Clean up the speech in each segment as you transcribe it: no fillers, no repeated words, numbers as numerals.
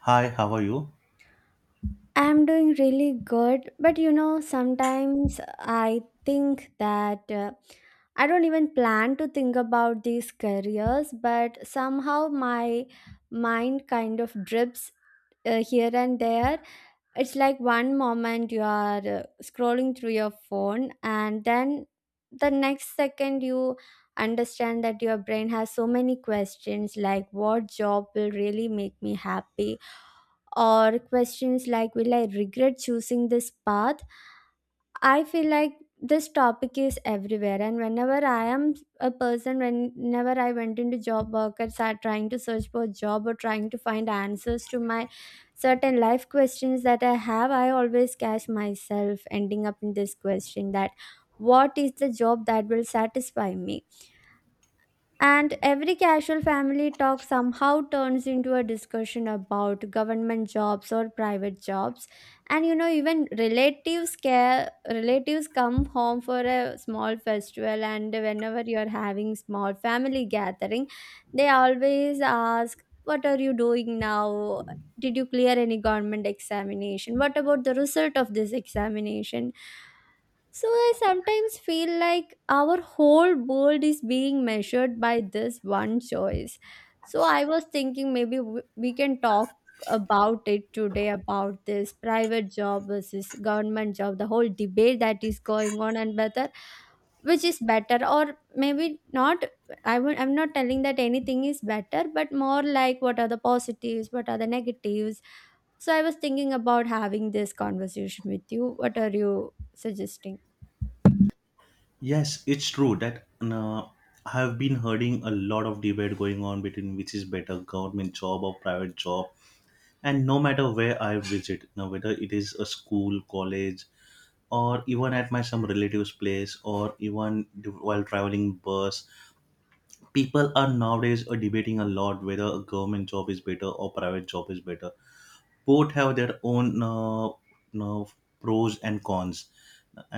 Hi, how are you? I'm doing really good, but sometimes I think that I don't even plan to think about these careers, but somehow my mind kind of drips here and there. It's like one moment you are scrolling through your phone and then the next second you understand that your brain has so many questions like what job will really make me happy, or questions like will I regret choosing this path. I feel like this topic is everywhere, and whenever I am a person, whenever I went into job workers are trying to search for a job or trying to find answers to my certain life questions that I have, I always catch myself ending up in this question that what is the job that will satisfy me? And every casual family talk somehow turns into a discussion about government jobs or private jobs. And even relatives care relatives come home for a small festival, and whenever you're having small family gathering, they always ask, What are you doing now? Did you clear any government examination? What about the result of this examination? So I sometimes feel like our whole world is being measured by this one choice. So I was thinking maybe we can talk about it today, about this private job versus government job, the whole debate that is going on, and whether which is better or maybe not. I'm not telling that anything is better, but more like what are the positives, what are the negatives. So I was thinking about having this conversation with you. What are you suggesting? Yes, it's true that I have been hearing a lot of debate going on between which is better, government job or private job. And no matter where I visit, now whether it is a school, college, or even at my some relatives' place, or even while traveling bus, people are nowadays debating a lot whether a government job is better or private job is better. Both have their own uh, pros and cons,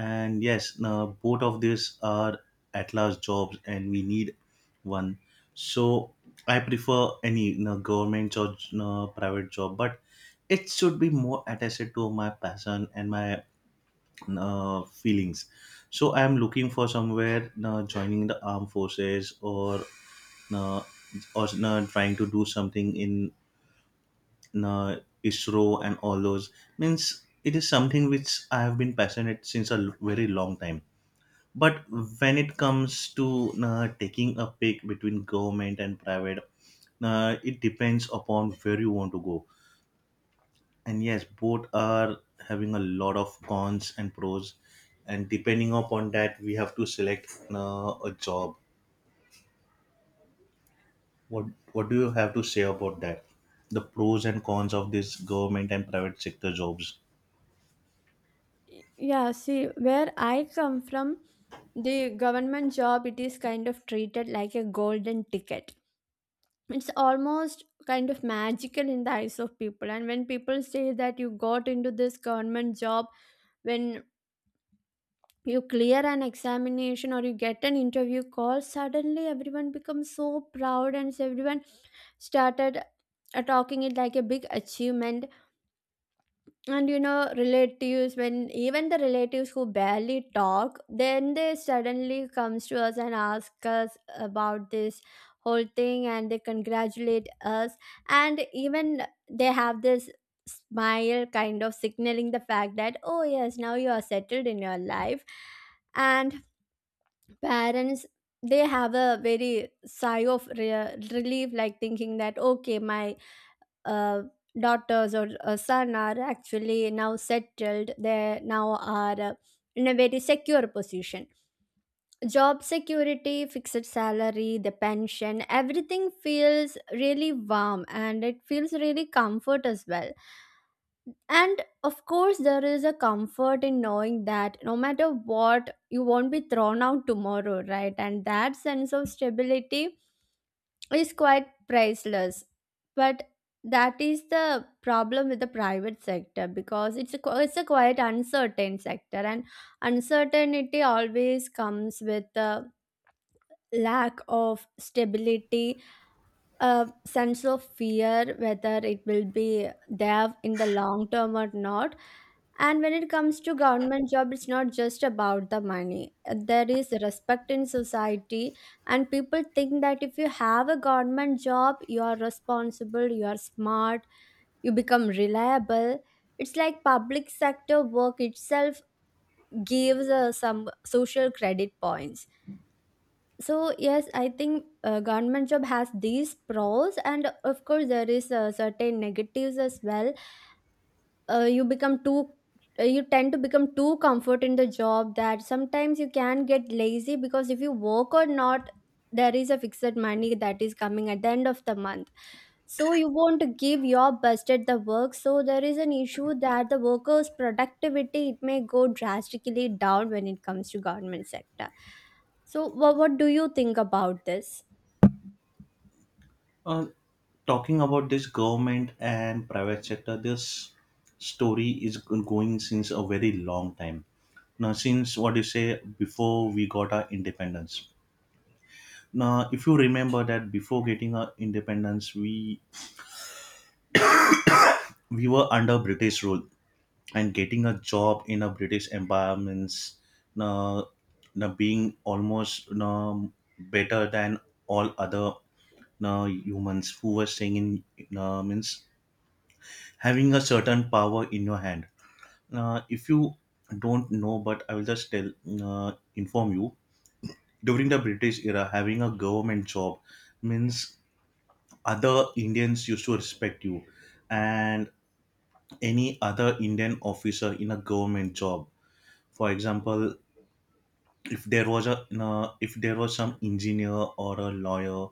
and yes, both of these are at last jobs and we need one. So I prefer any, you know, government or private job, but it should be more attached to my passion and my feelings. So I am looking for somewhere joining the armed forces uh, or trying to do something in uh, ISRO and all those. Means it is something which I have been passionate since a very long time. But when it comes to taking a pick between government and private, it depends upon where you want to go. And yes, both are having a lot of cons and pros. And depending upon that, we have to select a job. What What do you have to say about that? The pros and cons of this government and private sector jobs. Yeah, see, where I come from, the government job, it is kind of treated like a golden ticket. It's almost kind of magical in the eyes of people. And when people say that you got into this government job, when you clear an examination or you get an interview call, suddenly everyone becomes so proud, and everyone started talking it like a big achievement. And you know, relatives, when even the relatives who barely talk, then they suddenly comes to us and ask us about this whole thing, and they congratulate us. And even they have this smile kind of signaling the fact that, oh yes, now you are settled in your life. And parents, they have a very sigh of relief, like thinking that okay, my uh, daughters or a son are actually now settled, they now are in a very secure position. Job security, fixed salary, the pension, everything feels really warm and it feels really comfort as well. And of course there is a comfort in knowing that no matter what, you won't be thrown out tomorrow, right? And that sense of stability is quite priceless. But that is the problem with the private sector, because it's a quite uncertain sector, and uncertainty always comes with a lack of stability, a sense of fear whether it will be there in the long term or not. And when it comes to government job, it's not just about the money. There is respect in society, and people think that if you have a government job, you are responsible, you are smart, you become reliable. It's like public sector work itself gives some social credit points. So yes, I think government job has these pros, and of course there is certain negatives as well. You become too you tend to become too comfort in the job, that sometimes you can get lazy, because if you work or not, there is a fixed money that is coming at the end of the month. So you want to give your best at the work, so there is an issue that the workers productivity, it may go drastically down when it comes to government sector. So what do you think about this? Uh, Talking about this government and private sector, this story is going since a very long time. Now, since what you say before we got our independence. Now, if you remember that before getting our independence, we were under British rule, and getting a job in a British empire means now, now being almost now better than all other now humans who were staying in now means having a certain power in your hand. If you don't know, but I will just tell, inform you. During the British era, having a government job means other Indians used to respect you, and any other Indian officer in a government job. For example, if there was a if there was some engineer or a lawyer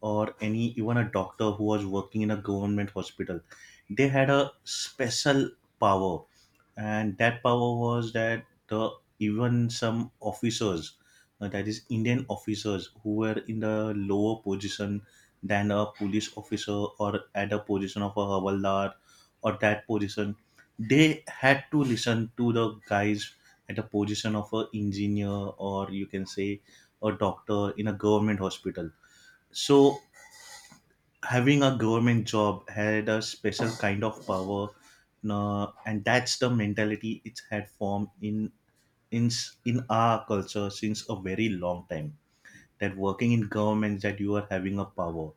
or any even a doctor who was working in a government hospital, they had a special power. And that power was that the even some officers, that is Indian officers who were in the lower position than a police officer or at a position of a havaldar or that position, they had to listen to the guys at a position of a engineer, or you can say a doctor in a government hospital. So having a government job had a special kind of power, no, and that's the mentality it's had formed in in our culture since a very long time, that working in government, that you are having a power.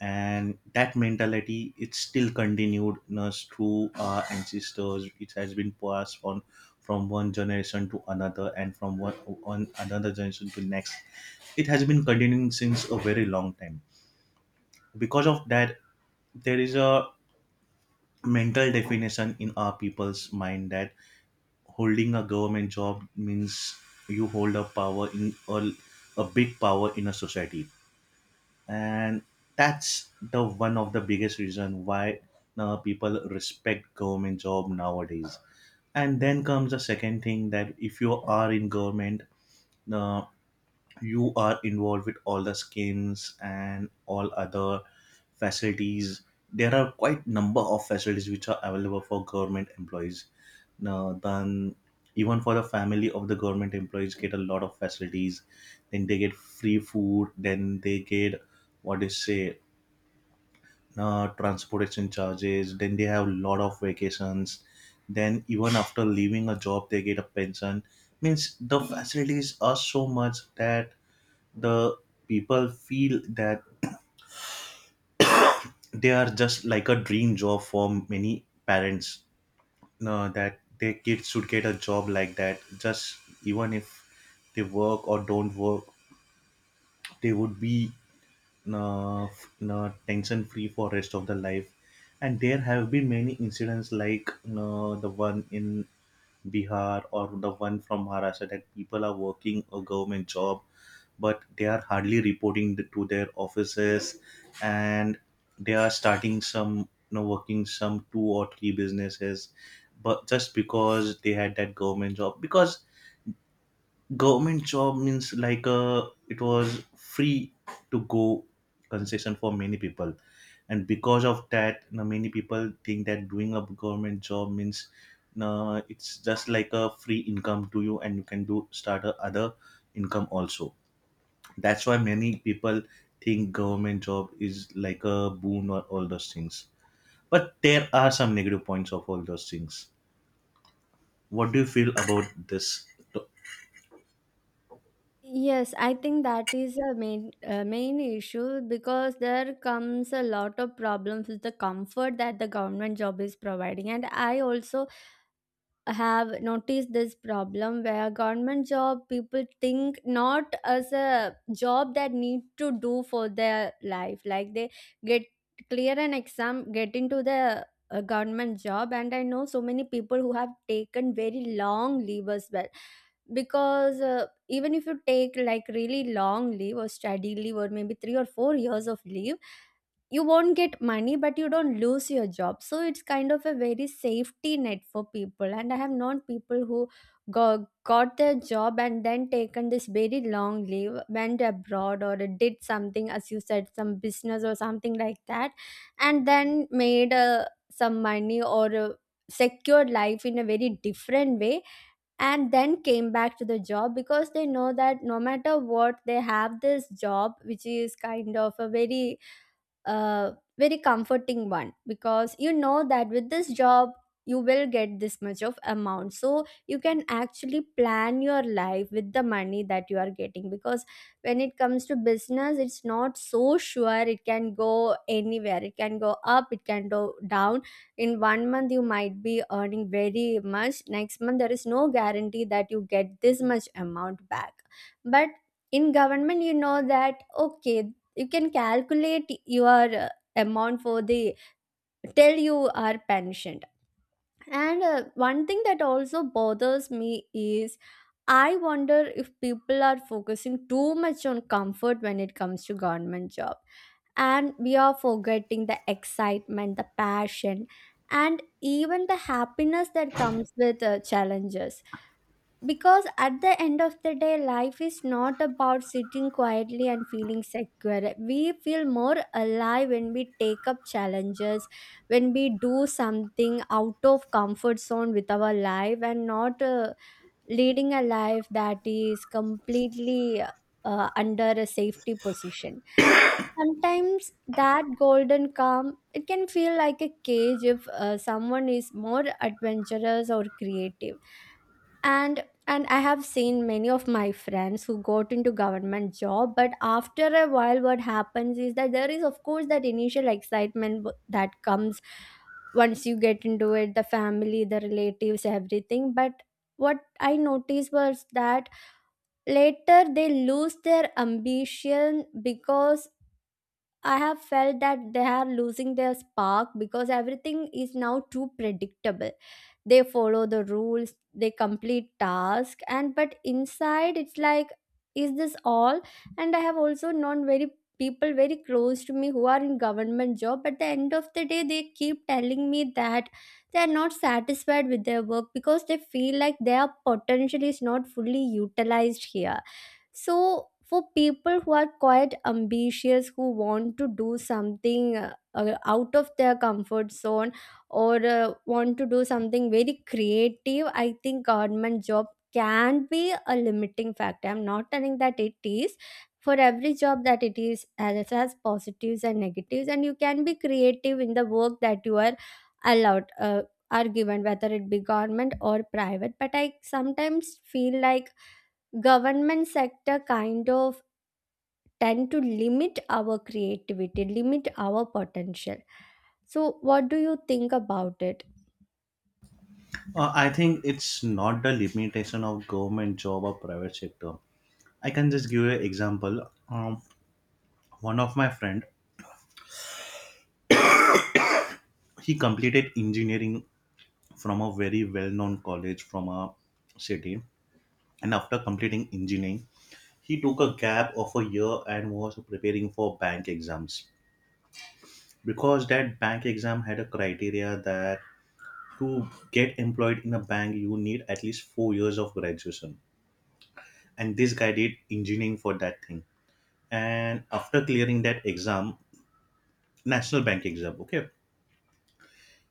And that mentality it's still continued, no, through our ancestors it has been passed on from one generation to another and from one on another generation to next. It has been continuing since a very long time. Because of that, there is a mental definition in our people's mind that holding a government job means you hold a power in a big power in a society. And that's the one of the biggest reason why now people respect government job nowadays. And then comes the second thing, that if you are in government, uh, you are involved with all the schemes and all other facilities. There are quite number of facilities which are available for government employees, now, then even for the family of the government employees get a lot of facilities. Then they get free food. Then they get what is say, transportation charges. Then they have a lot of vacations. Then even after leaving a job, they get a pension. Means the facilities are so much that the people feel that they are just like a dream job for many parents, no, that their kids should get a job like that. Just even if they work or don't work, they would be tension free for rest of the life. And there have been many incidents like the one in Bihar or the one from Maharashtra, that people are working a government job but they are hardly reporting to their offices, and they are starting some, you know, working some 2 or 3 businesses, but just because they had that government job, because government job means like, it was free to go concession for many people. And because of that, you know, many people think that doing a government job means, no, it's just like a free income to you and you can do start a other income also. That's why many people think government job is like a boon or all those things. But there are some negative points of all those things. What do you feel about this? Yes, I think that is a main issue, because there comes a lot of problems with the comfort that the government job is providing, and I also have noticed this problem where government job people think not as a job that need to do for their life, like they get, clear an exam, get into the government job. And I know so many people who have taken very long leave as well, because even if you take like really long leave or study leave or maybe 3 or 4 years of leave, you won't get money, but you don't lose your job. So it's kind of a very safety net for people, and I have known people who got, got their job and then taken this very long leave, went abroad or did something, as you said, some business or something like that, and then made some money or secured life in a very different way, and then came back to the job, because they know that no matter what, they have this job which is kind of a uh, very comforting one, because you know that with this job you will get this much of amount, so you can actually plan your life with the money that you are getting. Because when it comes to business, it's not so sure, it can go anywhere, it can go up, it can go down. In one month you might be earning very much, next month there is no guarantee that you get this much amount back. But in government, you know that okay, you can calculate your amount for the, till you are pensioned. And one thing that also bothers me is, I wonder if people are focusing too much on comfort when it comes to government job, and we are forgetting the excitement, the passion, and even the happiness that comes with challenges. Because at the end of the day, life is not about sitting quietly and feeling secure. We feel more alive when we take up challenges, when we do something out of comfort zone with our life, and not leading a life that is completely under a safety position. Sometimes that golden calm, it can feel like a cage if someone is more adventurous or creative. And I have seen many of my friends who got into government job, but after a while what happens is that there is of course that initial excitement that comes once you get into it, the family, the relatives, everything. But what I noticed was that later they lose their ambition, because I have felt that they are losing their spark, because everything is now too predictable. They follow the rules, they complete task, and but inside it's like, is this all? And I have also known very, people very close to me who are in government job. At the end of the day they keep telling me that they are not satisfied with their work, because they feel like their potential is not fully utilized here. So for people who are quite ambitious, who want to do something out of their comfort zone, or want to do something very creative, I think government job can be a limiting factor. I'm not telling that it is. For every job that it is, as it has positives and negatives, and you can be creative in the work that you are allowed, are given, whether it be government or private. But I sometimes feel like government sector kind of tend to limit our creativity, limit our potential. So what do you think about it? I think it's not the limitation of government job or private sector. I can just give you an example. um, One of my friend, he completed engineering from a very well-known college from a city. And after completing engineering, he took a gap of a year and was preparing for bank exams, because that bank exam had a criteria that to get employed in a bank you need at least 4 years of graduation. And this guy did engineering for that thing. And after clearing that exam, national bank exam, okay,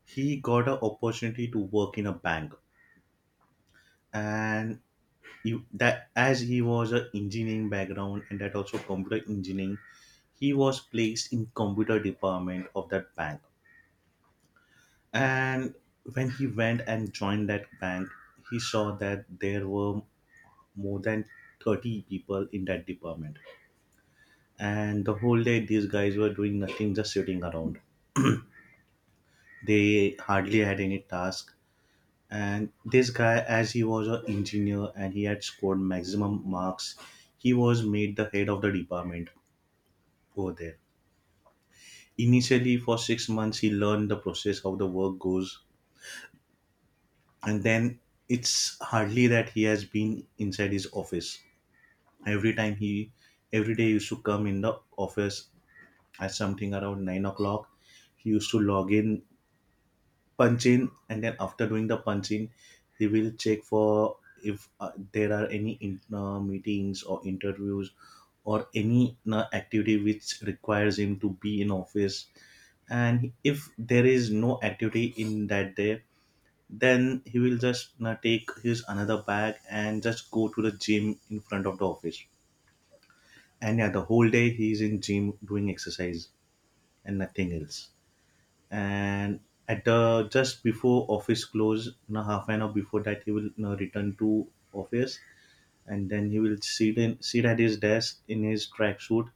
he got an opportunity to work in a bank. And you that as he was an engineering background, and that also computer engineering, he was placed in computer department of that bank. And when he went and joined that bank, he saw that there were more than 30 people in that department. And the whole day, these guys were doing nothing, just sitting around. They hardly had any task. And this guy, as he was an engineer and he had scored maximum marks, he was made the head of the department over there. Initially, for 6 months, he learned the process, how the work goes. And then it's hardly that he has been inside his office. Every time he, every day he used to come in the office at something around 9 o'clock. He used to log in, punch in, and then after doing the punch in, he will check for if there are any meetings or interviews or any activity which requires him to be in office. And if there is no activity in that day, then he will just take his another bag and just go to the gym in front of the office. And yeah, the whole day he's in gym doing exercise and nothing else. And at the just before office close, you know, 1/2 an hour before that, he will, you know, return to office, and then he will sit at his desk in his tracksuit,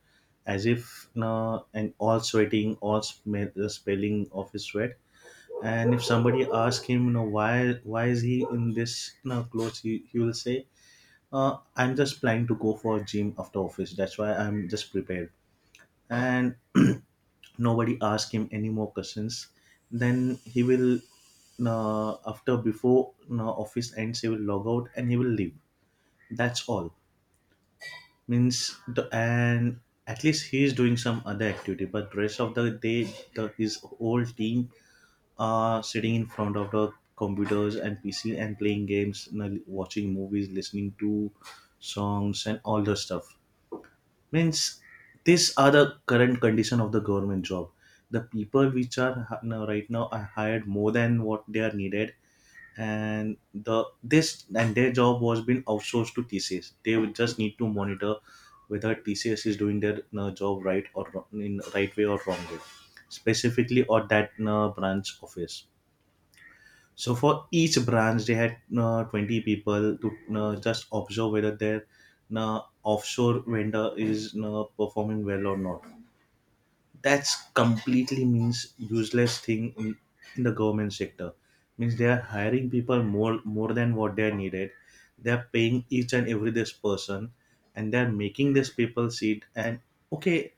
as if, you know, and all sweating, all smell, the spelling of his sweat. And if somebody asks him, you know, why is he in this, you know, clothes, he will say, I'm just planning to go for a gym after office, that's why I'm just prepared. And nobody ask him any more questions. Then he will, after before office ends, he will log out and he will leave. That's all. Means the, and at least he is doing some other activity, but rest of the day the, his whole team are sitting in front of the computers and pc and playing games, you know, watching movies, listening to songs and all the stuff. Means these are the current condition of the government job. The people which are now right now are hired more than what they are needed. And the this and their job was been outsourced to TCS. They would just need to monitor whether TCS is doing their job right or in right way or wrong way specifically or that branch office. So for each branch, they had 20 people to just observe whether their offshore vendor is performing well or not. That's completely means useless thing in the government sector. Means they are hiring people more than what they are needed. They are paying each and every this person, and they are making these people sit and okay.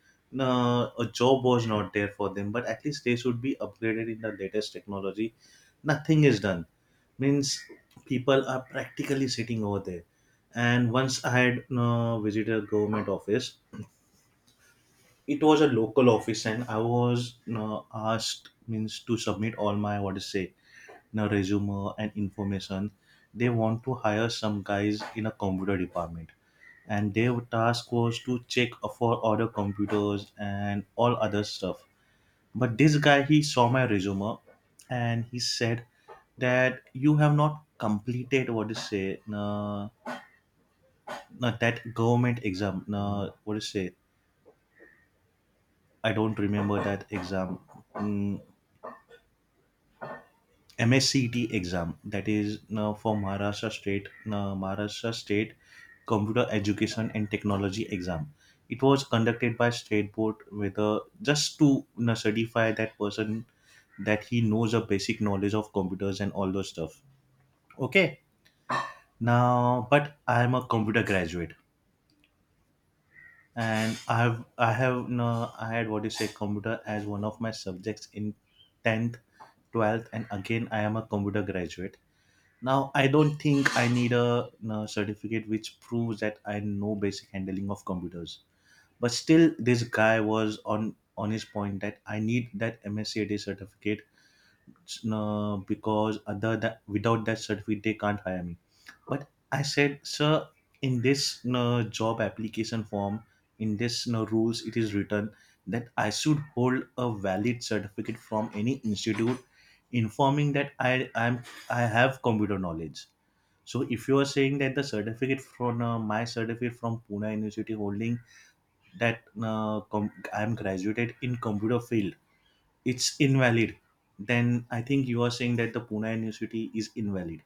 A job was not there for them, but at least they should be upgraded in the latest technology. Nothing is done, means people are practically sitting over there, and once I had visited a government office. It was a local office and I was asked, means, to submit all my, what is to say, you resume and information. They want to hire some guys in a computer department and their task was to check for other computers and all other stuff. But this guy, he saw my resume and he said that you have not completed, what to say, that government exam. What to say? I don't remember that exam. Mm, MSCT exam, that is for Maharashtra State Maharashtra State Computer Education and Technology exam. It was conducted by state board with a, just to you know, certify that person, that he knows a basic knowledge of computers and all those stuff. Okay, now but I am a computer graduate, and I have no I had what you say, computer as one of my subjects in 10th, 12th, and again I am a computer graduate. Now I don't think I need a, no, certificate which proves that I know basic handling of computers. But still this guy was on his point that I need that MSC certificate, no, because other that without that certificate they can't hire me. But I said, sir, in this, no, job application form, in this, no, rules, it is written that I should hold a valid certificate from any institute informing that I have computer knowledge. So if you are saying that the certificate from my certificate from Pune University holding that I am graduated in computer field, it's invalid, then I think you are saying that the Pune University is invalid.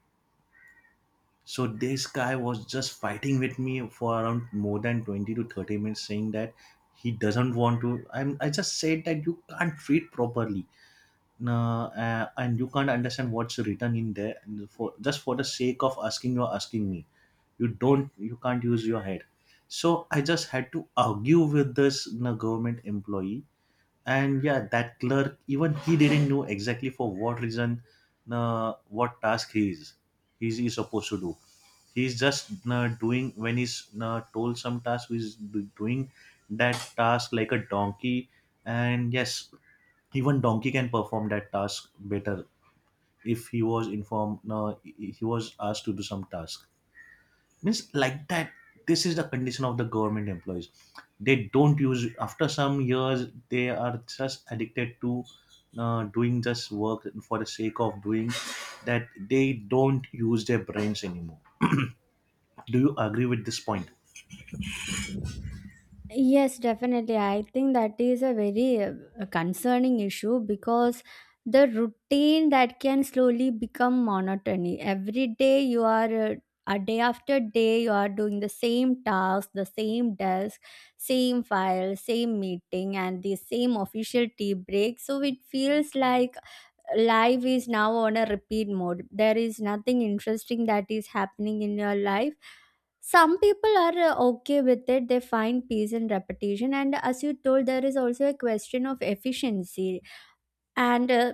So this guy was just fighting with me for around more than 20 to 30 minutes, saying that he doesn't want to I just said that you can't read properly. Nah, and you can't understand what's written in there, and for just for the sake of asking you're asking me, you don't, you can't use your head. So I just had to argue with this, you know, government employee. And yeah, that clerk, even he didn't know exactly for what reason what task he is, he's supposed to do. He's just doing when he's told some task, doing that task like a donkey. And yes, even donkey can perform that task better if he was informed, he was asked to do some task, means like that. This is the condition of the government employees. They don't use, after some years they are just addicted to doing just work for the sake of doing, that they don't use their brains anymore. Do you agree with this point? Yes, definitely, I think that is a very concerning issue, because the routine that can slowly become monotony. Every day you are A day after day you are doing the same task, the same desk, same file, same meeting, and the same official tea break. So it feels like life is now on a repeat mode, there is nothing interesting that is happening in your life. Some people are okay with it, they find peace in repetition, and as you told, there is also a question of efficiency. And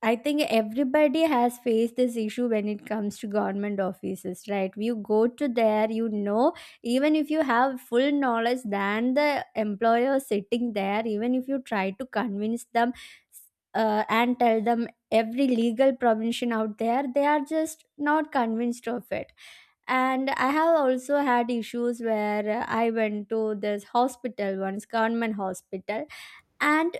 I think everybody has faced this issue when it comes to government offices, right? You go to there, you know, even if you have full knowledge than the employer sitting there, even if you try to convince them and tell them every legal provision out there, they are just not convinced of it. And I have also had issues where I went to this hospital once, government hospital, and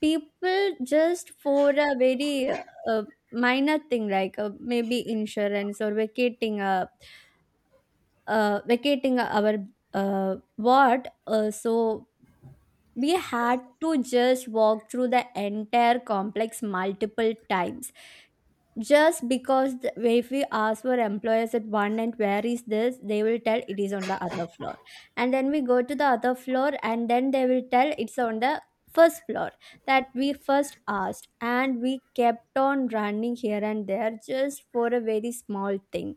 people just for a very uh, minor thing like maybe insurance or vacating a vacating our ward. So we had to just walk through the entire complex multiple times just because the, if we ask for employers at one end where is this, they will tell it is on the other floor, and then we go to the other floor and then they will tell it's on the first floor that we first asked, and we kept on running here and there just for a very small thing.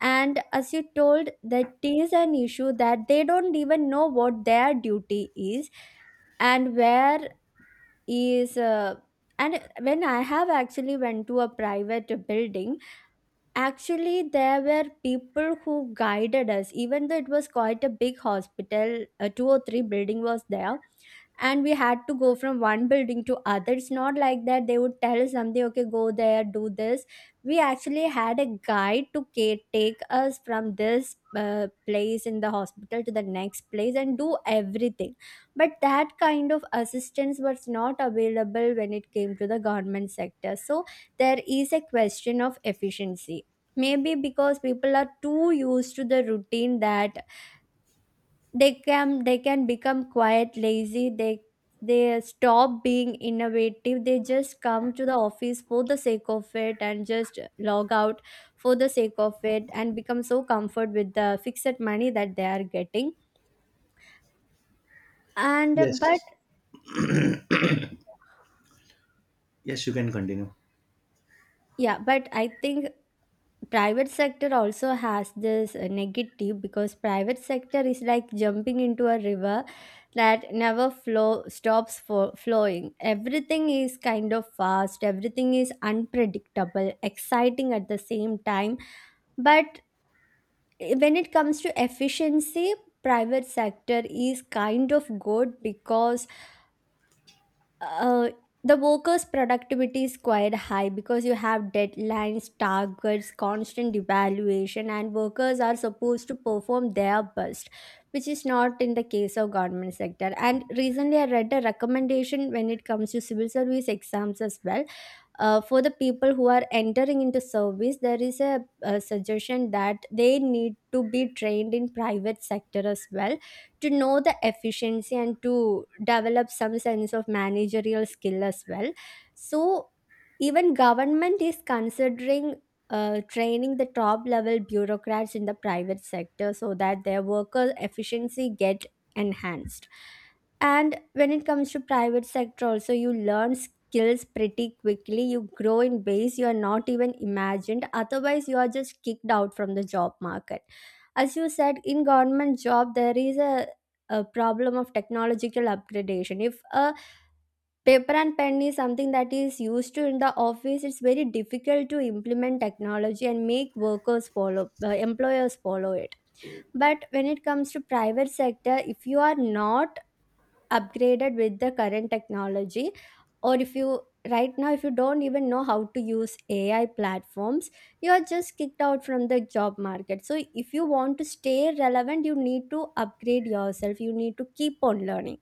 And as you told, that is an issue that they don't even know what their duty is and where is and when I have actually went to a private building. Actually, there were people who guided us, even though it was quite a big hospital. Two or three building was there, and we had to go from one building to other. It's not like that they would tell us something, okay, go there, do this. We actually had a guide to take us from this place in the hospital to the next place and do everything, but that kind of assistance was not available when it came to the government sector. So there is a question of efficiency. Maybe because people are too used to the routine that they can become quite lazy. They stop being innovative. They just come to the office for the sake of it and just log out for the sake of it and become so comfort with the fixed money that they are getting. And but Yes. Yes, you can continue. yeah, but I think private sector also has this negative, because private sector is like jumping into a river that never flow stops for flowing. Everything is kind of fast, everything is unpredictable, exciting at the same time. But when it comes to efficiency, private sector is kind of good because uh, the workers' productivity is quite high because you have deadlines, targets, constant evaluation, and workers are supposed to perform their best, which is not in the case of government sector. And recently, I read a recommendation when it comes to civil service exams as well. For the people who are entering into service, there is a suggestion that they need to be trained in private sector as well, to know the efficiency and to develop some sense of managerial skill as well. So even government is considering training the top level bureaucrats in the private sector so that their worker efficiency get enhanced. And when it comes to private sector also, you learn skills pretty quickly, you grow in ways you are not even imagined, otherwise you are just kicked out from the job market. As you said, in government job there is a problem of technological upgradation. If a paper and pen is something that is used to in the office, it's very difficult to implement technology and make workers follow employers follow it. But when it comes to private sector, if you are not upgraded with the current technology, or if you right now, if you don't even know how to use AI platforms, you are just kicked out from the job market. So if you want to stay relevant, you need to upgrade yourself, you need to keep on learning.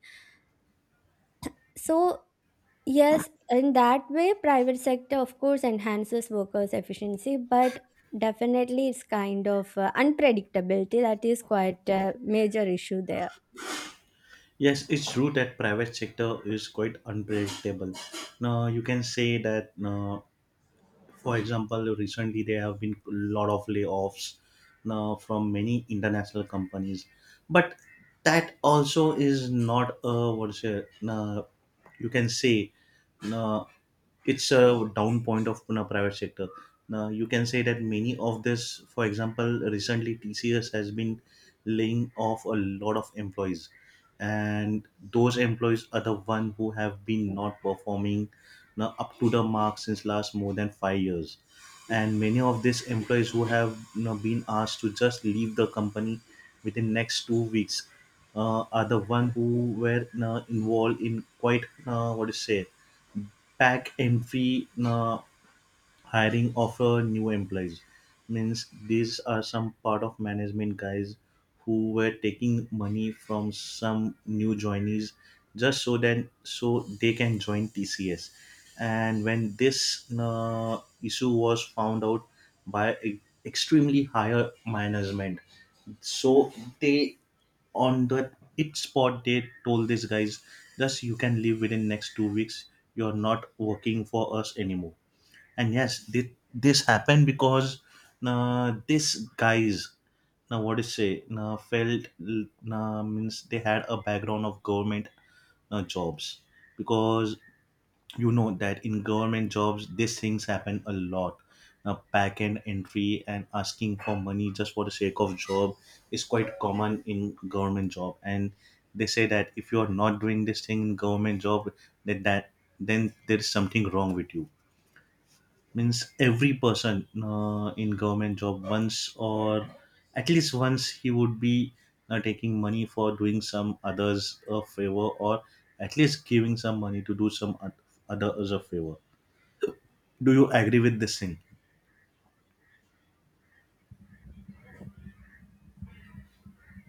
So yes, in that way private sector of course enhances workers efficiency, but definitely it's kind of unpredictability that is quite a major issue there. Yes, it's true that private sector is quite unpredictable. Now you can say that for example, recently there have been a lot of layoffs now from many international companies, but that also is not a, what's it, you can say, uh, it's a down point of Pune private sector. Now you can say that many of this, for example, recently TCS has been laying off a lot of employees, and those employees are the one who have been not performing now up to the mark since last more than 5 years. And many of these employees who have, you know, been asked to just leave the company within next 2 weeks are the one who were, you know, involved in quite what to say, pack empty fee hiring of new employees. Means these are some part of management guys who were taking money from some new joinees, just so that so they can join TCS. And when this issue was found out by extremely higher management, so they, on that it spot, they told these guys, thus you can leave within next 2 weeks. You're not working for us anymore. And yes, this happened because these guys, now what is say, now felt, now means they had a background of government jobs, because you know that in government jobs these things happen a lot. Now back end entry and asking for money just for the sake of job is quite common in government job. And they say that if you are not doing this thing in government job, that then there is something wrong with you. Means every person in government job, once, or at least once, he would be taking money for doing some others a favor, or at least giving some money to do some others a favor. Do you agree with this thing?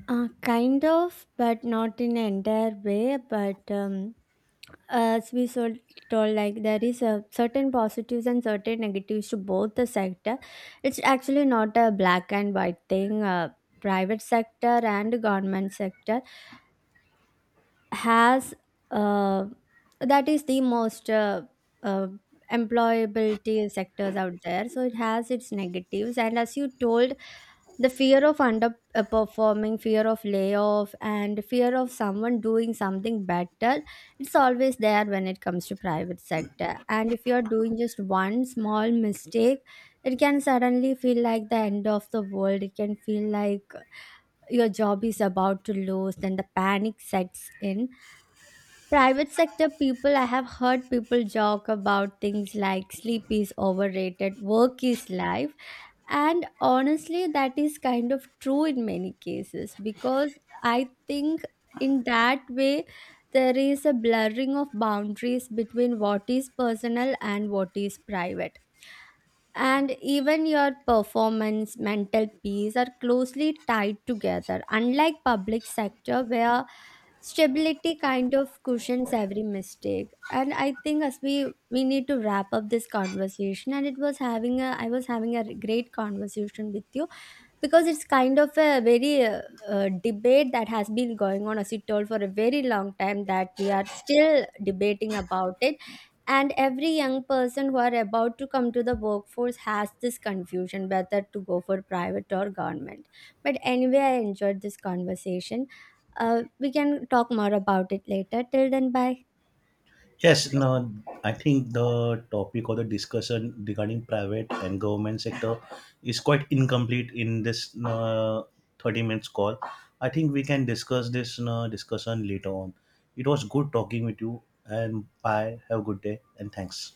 Kind of, but not in an entire way. But as we so told, like there is a certain positives and certain negatives to both the sector. It's actually not a black and white thing. Private sector and government sector has uh, that is the most uh, employability sectors out there. So it has its negatives, and as you told, the fear of underperforming, fear of layoff, and fear of someone doing something better, it's always there when it comes to private sector. And if you're doing just one small mistake, it can suddenly feel like the end of the world. It can feel like your job is about to lose, then the panic sets in. Private sector people, I have heard people joke about things like sleep is overrated, work is life, and honestly, that is kind of true in many cases, because I think in that way there is a blurring of boundaries between what is personal and what is private, and even your performance, mental peace are closely tied together, unlike public sector where stability kind of cushions every mistake. And I think as we need to wrap up this conversation. And it was having a I was having a great conversation with you, because it's kind of a very debate that has been going on, as you told, for a very long time, that we are still debating about it. And every young person who are about to come to the workforce has this confusion whether to go for private or government. But anyway, I enjoyed this conversation. We can talk more about it later. Till then, bye. Yes. No, I think the topic or the discussion regarding private and government sector is quite incomplete in this 30 minutes call. I think we can discuss this discussion later on. It was good talking with you, and bye. Have a good day, and thanks.